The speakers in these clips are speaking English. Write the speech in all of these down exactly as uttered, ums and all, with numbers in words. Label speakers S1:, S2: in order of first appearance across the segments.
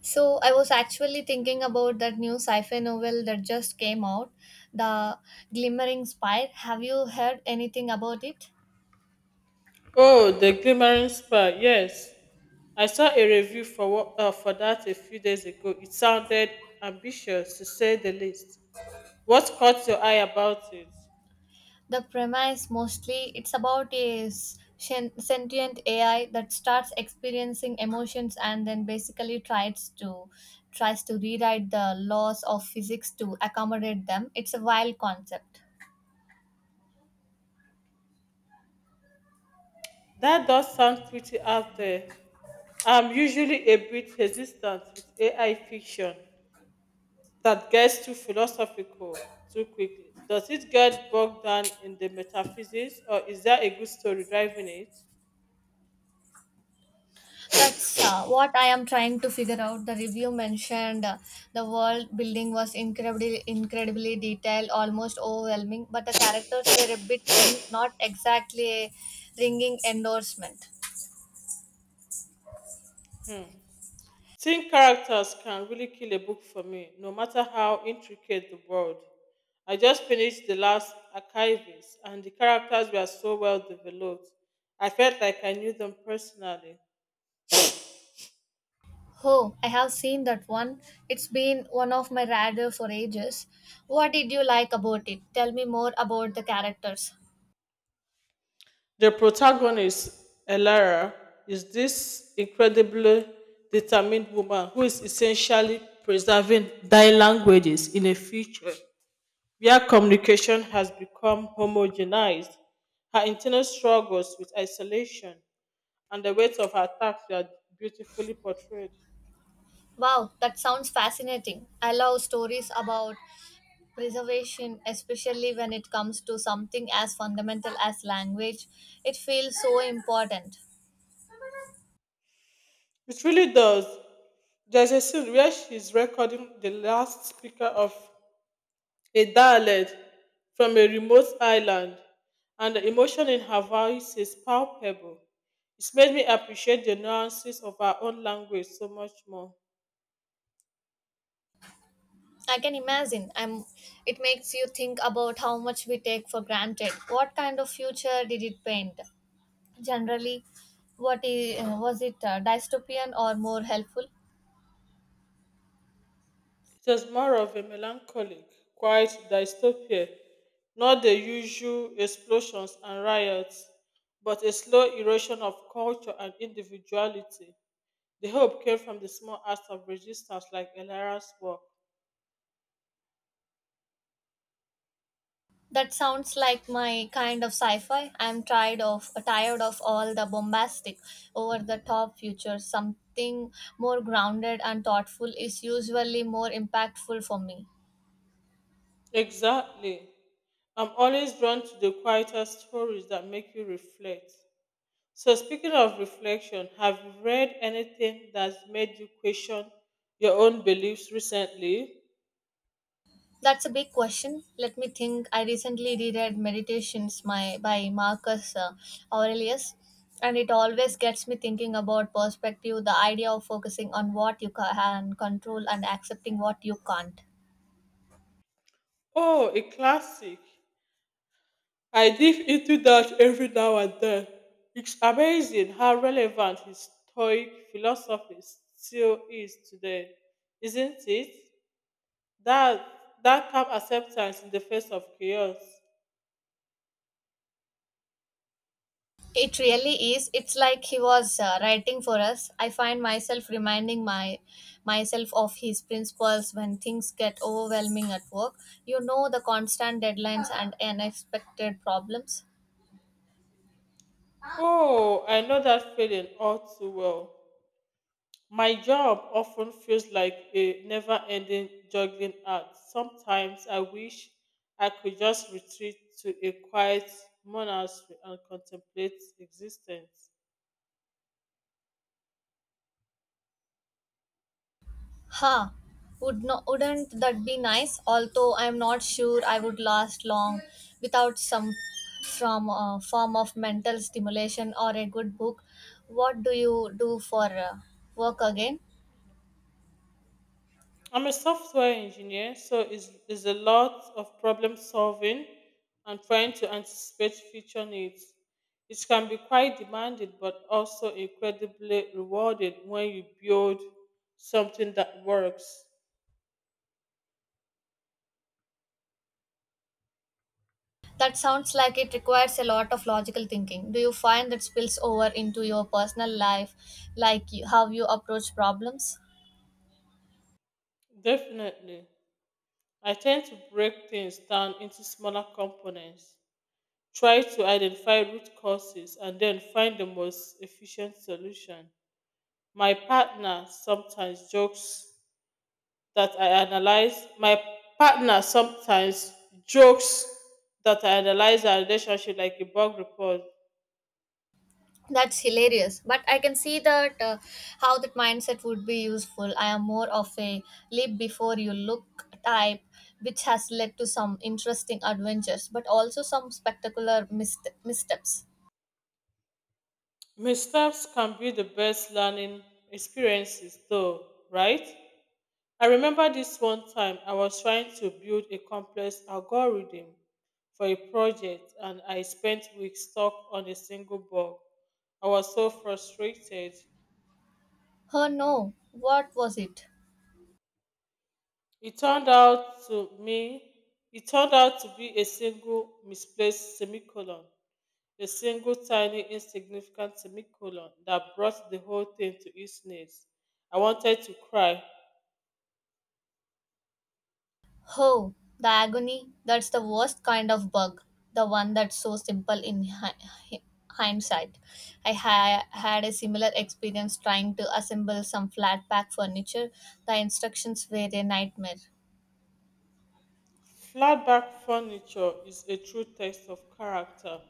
S1: So I was actually thinking about that new sci-fi novel that just came out, The Glimmering Spire. Have you heard anything about it?
S2: Oh, the Glimmering Spa. Yes, I saw a review for what, uh, for that a few days ago. It sounded ambitious to say the least. What caught your eye about it?
S1: The premise mostly it's about a s- shen- sentient A I that starts experiencing emotions and then basically tries to tries to rewrite the laws of physics to accommodate them. It's a wild concept.
S2: That does sound pretty out there. I'm usually a bit hesitant with A I fiction that gets too philosophical too quickly. Does it get bogged down in the metaphysics, or is there a good story driving it?
S1: That's uh, what I am trying to figure out. The review mentioned uh, the world building was incredibly, incredibly detailed, almost overwhelming, but the characters were a bit thin, not exactly a ringing endorsement.
S2: Hmm. Teen characters can really kill a book for me, no matter how intricate the world. I just finished The Last Archivist, and the characters were so well developed. I felt like I knew them personally.
S1: Oh, I have seen that one. It's been one of my radar for ages. What did you like about it? Tell me more about the characters.
S2: The protagonist, Elara, is this incredibly determined woman who is essentially preserving dying languages in a future where communication has become homogenized. Her internal struggles with isolation and the weight of her task are beautifully portrayed.
S1: Wow, that sounds fascinating. I love stories about preservation, especially when it comes to something as fundamental as language. It feels so important.
S2: It really does. There's a scene where she's recording the last speaker of a dialect from a remote island, and the emotion in her voice is palpable. It's made me appreciate the nuances of our own language so much more.
S1: I can imagine. I'm, it makes you think about how much we take for granted. What kind of future did it paint? Generally, what is, was it uh, dystopian or more helpful?
S2: It was more of a melancholic, quiet dystopia, not the usual explosions and riots, but a slow erosion of culture and individuality. The hope came from the small acts of resistance like Elara's work.
S1: That sounds like my kind of sci-fi. I'm tired of tired of all the bombastic, over-the-top future. Something more grounded and thoughtful is usually more impactful for me.
S2: Exactly. I'm always drawn to the quieter stories that make you reflect. So, speaking of reflection, have you read anything that's made you question your own beliefs recently?
S1: That's a big question. Let me think. I recently reread Meditations my, by Marcus uh, Aurelius, and it always gets me thinking about perspective, the idea of focusing on what you ca- can control and accepting what you can't.
S2: Oh, a classic. I dip into that every now and then. It's amazing how relevant his Stoic philosophy still is today, isn't it? That that calm acceptance in the face of chaos.
S1: It really is. It's like he was uh, writing for us. I find myself reminding my myself of his principles when things get overwhelming at work. You know the constant deadlines and unexpected problems.
S2: Oh, I know that feeling all too well. My job often feels like a never-ending juggling act. Sometimes I wish I could just retreat to a quiet monastery and contemplate existence.
S1: Huh. Would no, wouldn't that be nice? Although I'm not sure I would last long without some from a form of mental stimulation or a good book. What do you do for uh, work again?
S2: I'm a software engineer, so it's, it's a lot of problem solving and trying to anticipate future needs. It can be quite demanding but also incredibly rewarding when you build something that works.
S1: That sounds like it requires a lot of logical thinking. Do you find that spills over into your personal life, like you, how you approach problems?
S2: Definitely. I tend to break things down into smaller components, try to identify root causes, and then find the most efficient solution. My partner sometimes jokes that I analyze. My partner sometimes jokes that I analyze our relationship like a bug report.
S1: That's hilarious. But I can see that uh, how that mindset would be useful. I am more of a leap before you look type, which has led to some interesting adventures, but also some spectacular mist- missteps.
S2: Missteps can be the best learning experiences, though, right? I remember this one time I was trying to build a complex algorithm for a project and I spent weeks stuck on a single bug. I was so frustrated.
S1: Oh no, what was it?
S2: It turned out to me it turned out to be a single misplaced semicolon. A single tiny insignificant semicolon that brought the whole thing to its knees. I wanted to cry.
S1: Oh, the agony. That's the worst kind of bug. The one that's so simple in hi- hi- hindsight. I ha- had a similar experience trying to assemble some flat pack furniture. The instructions were a nightmare.
S2: Flatback furniture is a true test of character,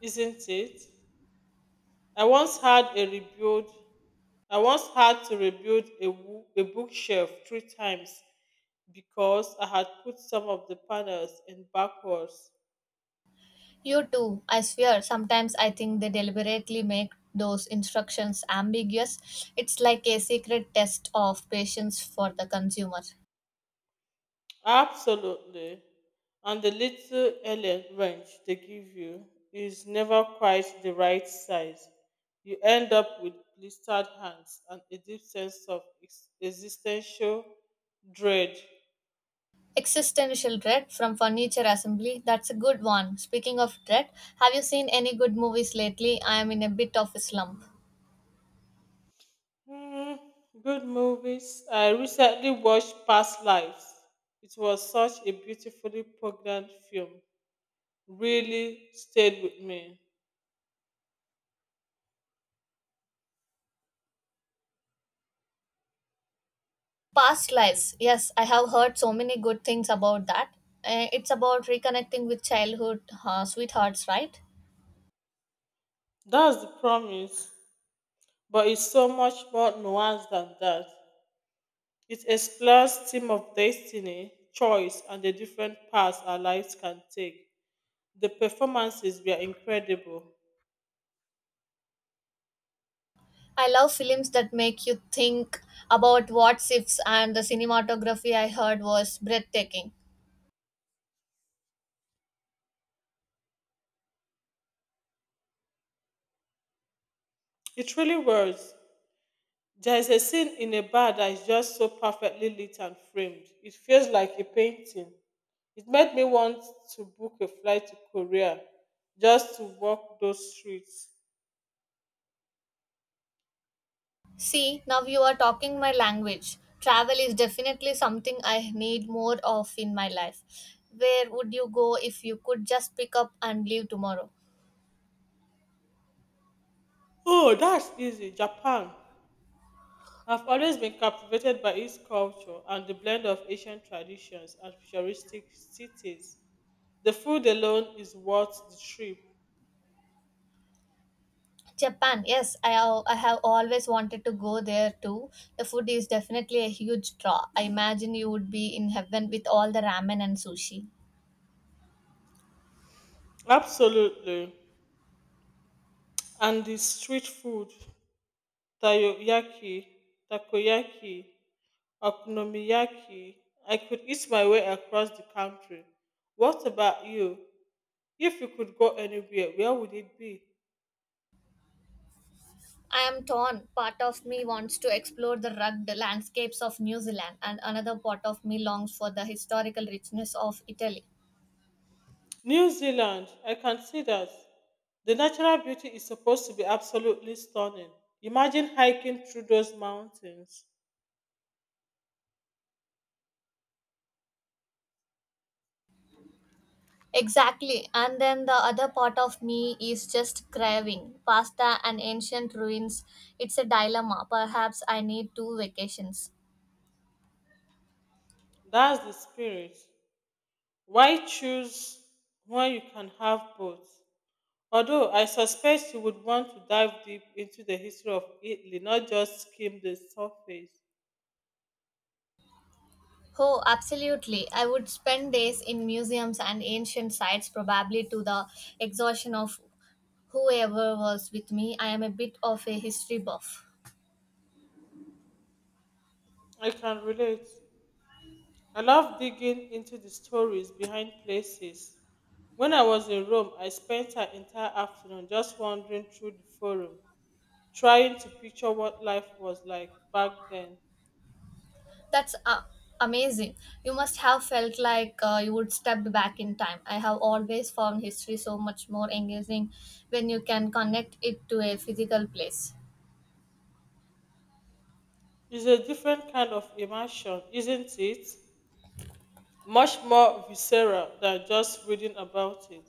S2: isn't it? I once had a rebuild I once had to rebuild a, wo- a bookshelf three times because I had put some of the panels in backwards.
S1: You too, I swear. Sometimes I think they deliberately make those instructions ambiguous. It's like a secret test of patience for the consumer.
S2: Absolutely. And the little alien wrench they give you is never quite the right size. You end up with blistered hands and a deep sense of ex- existential dread.
S1: Existential dread from furniture assembly. That's a good one. Speaking of dread, have you seen any good movies lately? I am in a bit of a slump.
S2: Hmm, good movies. I recently watched Past Lives. It was such a beautifully poignant film. Really stayed with me.
S1: Past lives. Yes, I have heard so many good things about that. Uh, it's about reconnecting with childhood uh, sweethearts, right?
S2: That's the promise, but it's so much more nuanced than that. It explores theme of destiny, choice, and the different paths our lives can take. The performances were incredible.
S1: I love films that make you think about what's ifs, and the cinematography I heard was breathtaking.
S2: It really was. There is a scene in a bar that is just so perfectly lit and framed. It feels like a painting. It made me want to book a flight to Korea just to walk those streets.
S1: See, now you are talking my language. Travel is definitely something I need more of in my life. Where would you go if you could just pick up and leave tomorrow?
S2: Oh, that's easy. Japan. I've always been captivated by its culture and the blend of Asian traditions and futuristic cities. The food alone is worth the trip.
S1: Japan, yes, I, al- I have always wanted to go there too. The food is definitely a huge draw. I imagine you would be in heaven with all the ramen and sushi.
S2: Absolutely. And the street food, takoyaki, takoyaki, okonomiyaki. I could eat my way across the country. What about you? If you could go anywhere, where would it be?
S1: I am torn. Part of me wants to explore the rugged landscapes of New Zealand, and another part of me longs for the historical richness of Italy.
S2: New Zealand. I can see that. The natural beauty is supposed to be absolutely stunning. Imagine hiking through those mountains.
S1: Exactly. And then the other part of me is just craving pasta and ancient ruins. It's a dilemma. Perhaps I need two vacations.
S2: That's the spirit. Why choose when you can have both? Although I suspect you would want to dive deep into the history of Italy, not just skim the surface.
S1: Oh, absolutely. I would spend days in museums and ancient sites, probably to the exhaustion of whoever was with me. I am a bit of a history buff.
S2: I can relate. I love digging into the stories behind places. When I was in Rome, I spent an entire afternoon just wandering through the forum, trying to picture what life was like back then.
S1: That's uh, amazing. You must have felt like uh, you would step back in time. I have always found history so much more engaging when you can connect it to a physical place.
S2: It's a different kind of immersion, isn't it? Much more visceral than just reading about it.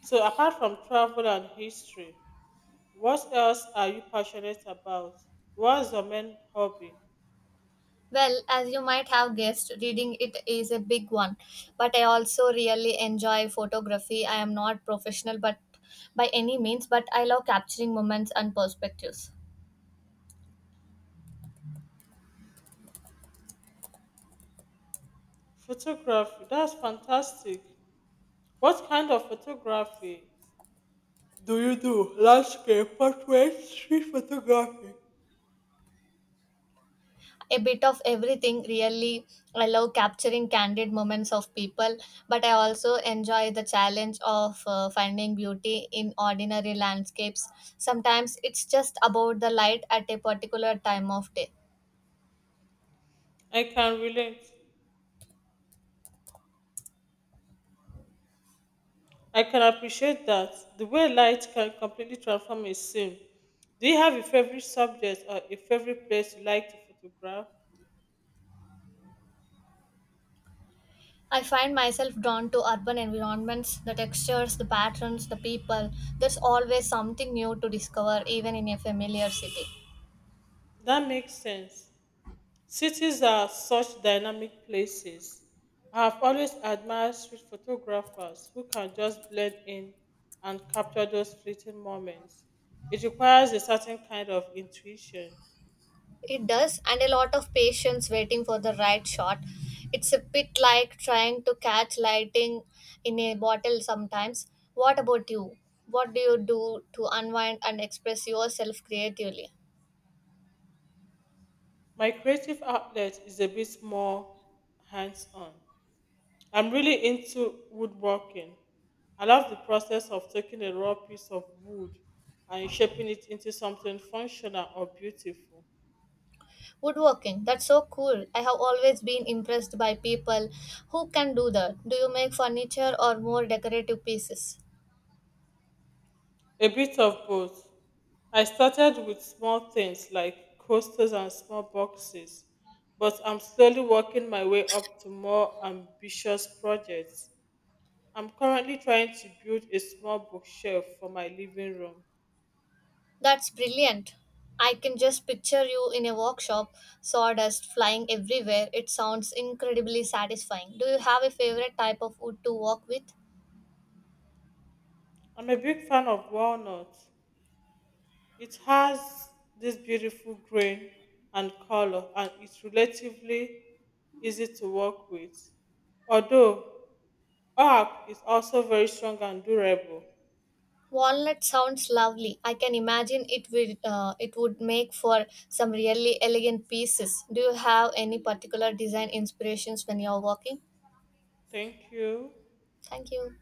S2: So, apart from travel and history, what else are you passionate about? What's your main hobby?
S1: Well, as you might have guessed, reading it is a big one, but I also really enjoy photography. I am not professional but by any means, but I love capturing moments and perspectives.
S2: Photography. That's fantastic. What kind of photography do you do? Landscape, portrait, street photography.
S1: A bit of everything, really. I love capturing candid moments of people, but I also enjoy the challenge of uh, finding beauty in ordinary landscapes. Sometimes it's just about the light at a particular time of day.
S2: I can relate. I can appreciate that. The way light can completely transform a scene. Do you have a favorite subject or a favorite place you like to photograph?
S1: I find myself drawn to urban environments, the textures, the patterns, the people. There's always something new to discover, even in a familiar city.
S2: That makes sense. Cities are such dynamic places. I have always admired street photographers who can just blend in and capture those fleeting moments. It requires a certain kind of intuition.
S1: It does, and a lot of patience waiting for the right shot. It's a bit like trying to catch lighting in a bottle sometimes. What about you? What do you do to unwind and express yourself creatively?
S2: My creative outlet is a bit more hands on. I'm really into woodworking. I love the process of taking a raw piece of wood and shaping it into something functional or beautiful.
S1: Woodworking, that's so cool. I have always been impressed by people who can do that. Do you make furniture or more decorative pieces?
S2: A bit of both. I started with small things like coasters and small boxes, but I'm slowly working my way up to more ambitious projects. I'm currently trying to build a small bookshelf for my living room.
S1: That's brilliant. I can just picture you in a workshop, sawdust flying everywhere. It sounds incredibly satisfying. Do you have a favorite type of wood to work with?
S2: I'm a big fan of walnut. It has this beautiful grain and color, and it's relatively easy to work with. Although, oak is also very strong and durable.
S1: Walnut sounds lovely. I can imagine it will uh, it would make for some really elegant pieces. Do you have any particular design inspirations when you're working?
S2: Thank you.
S1: Thank you.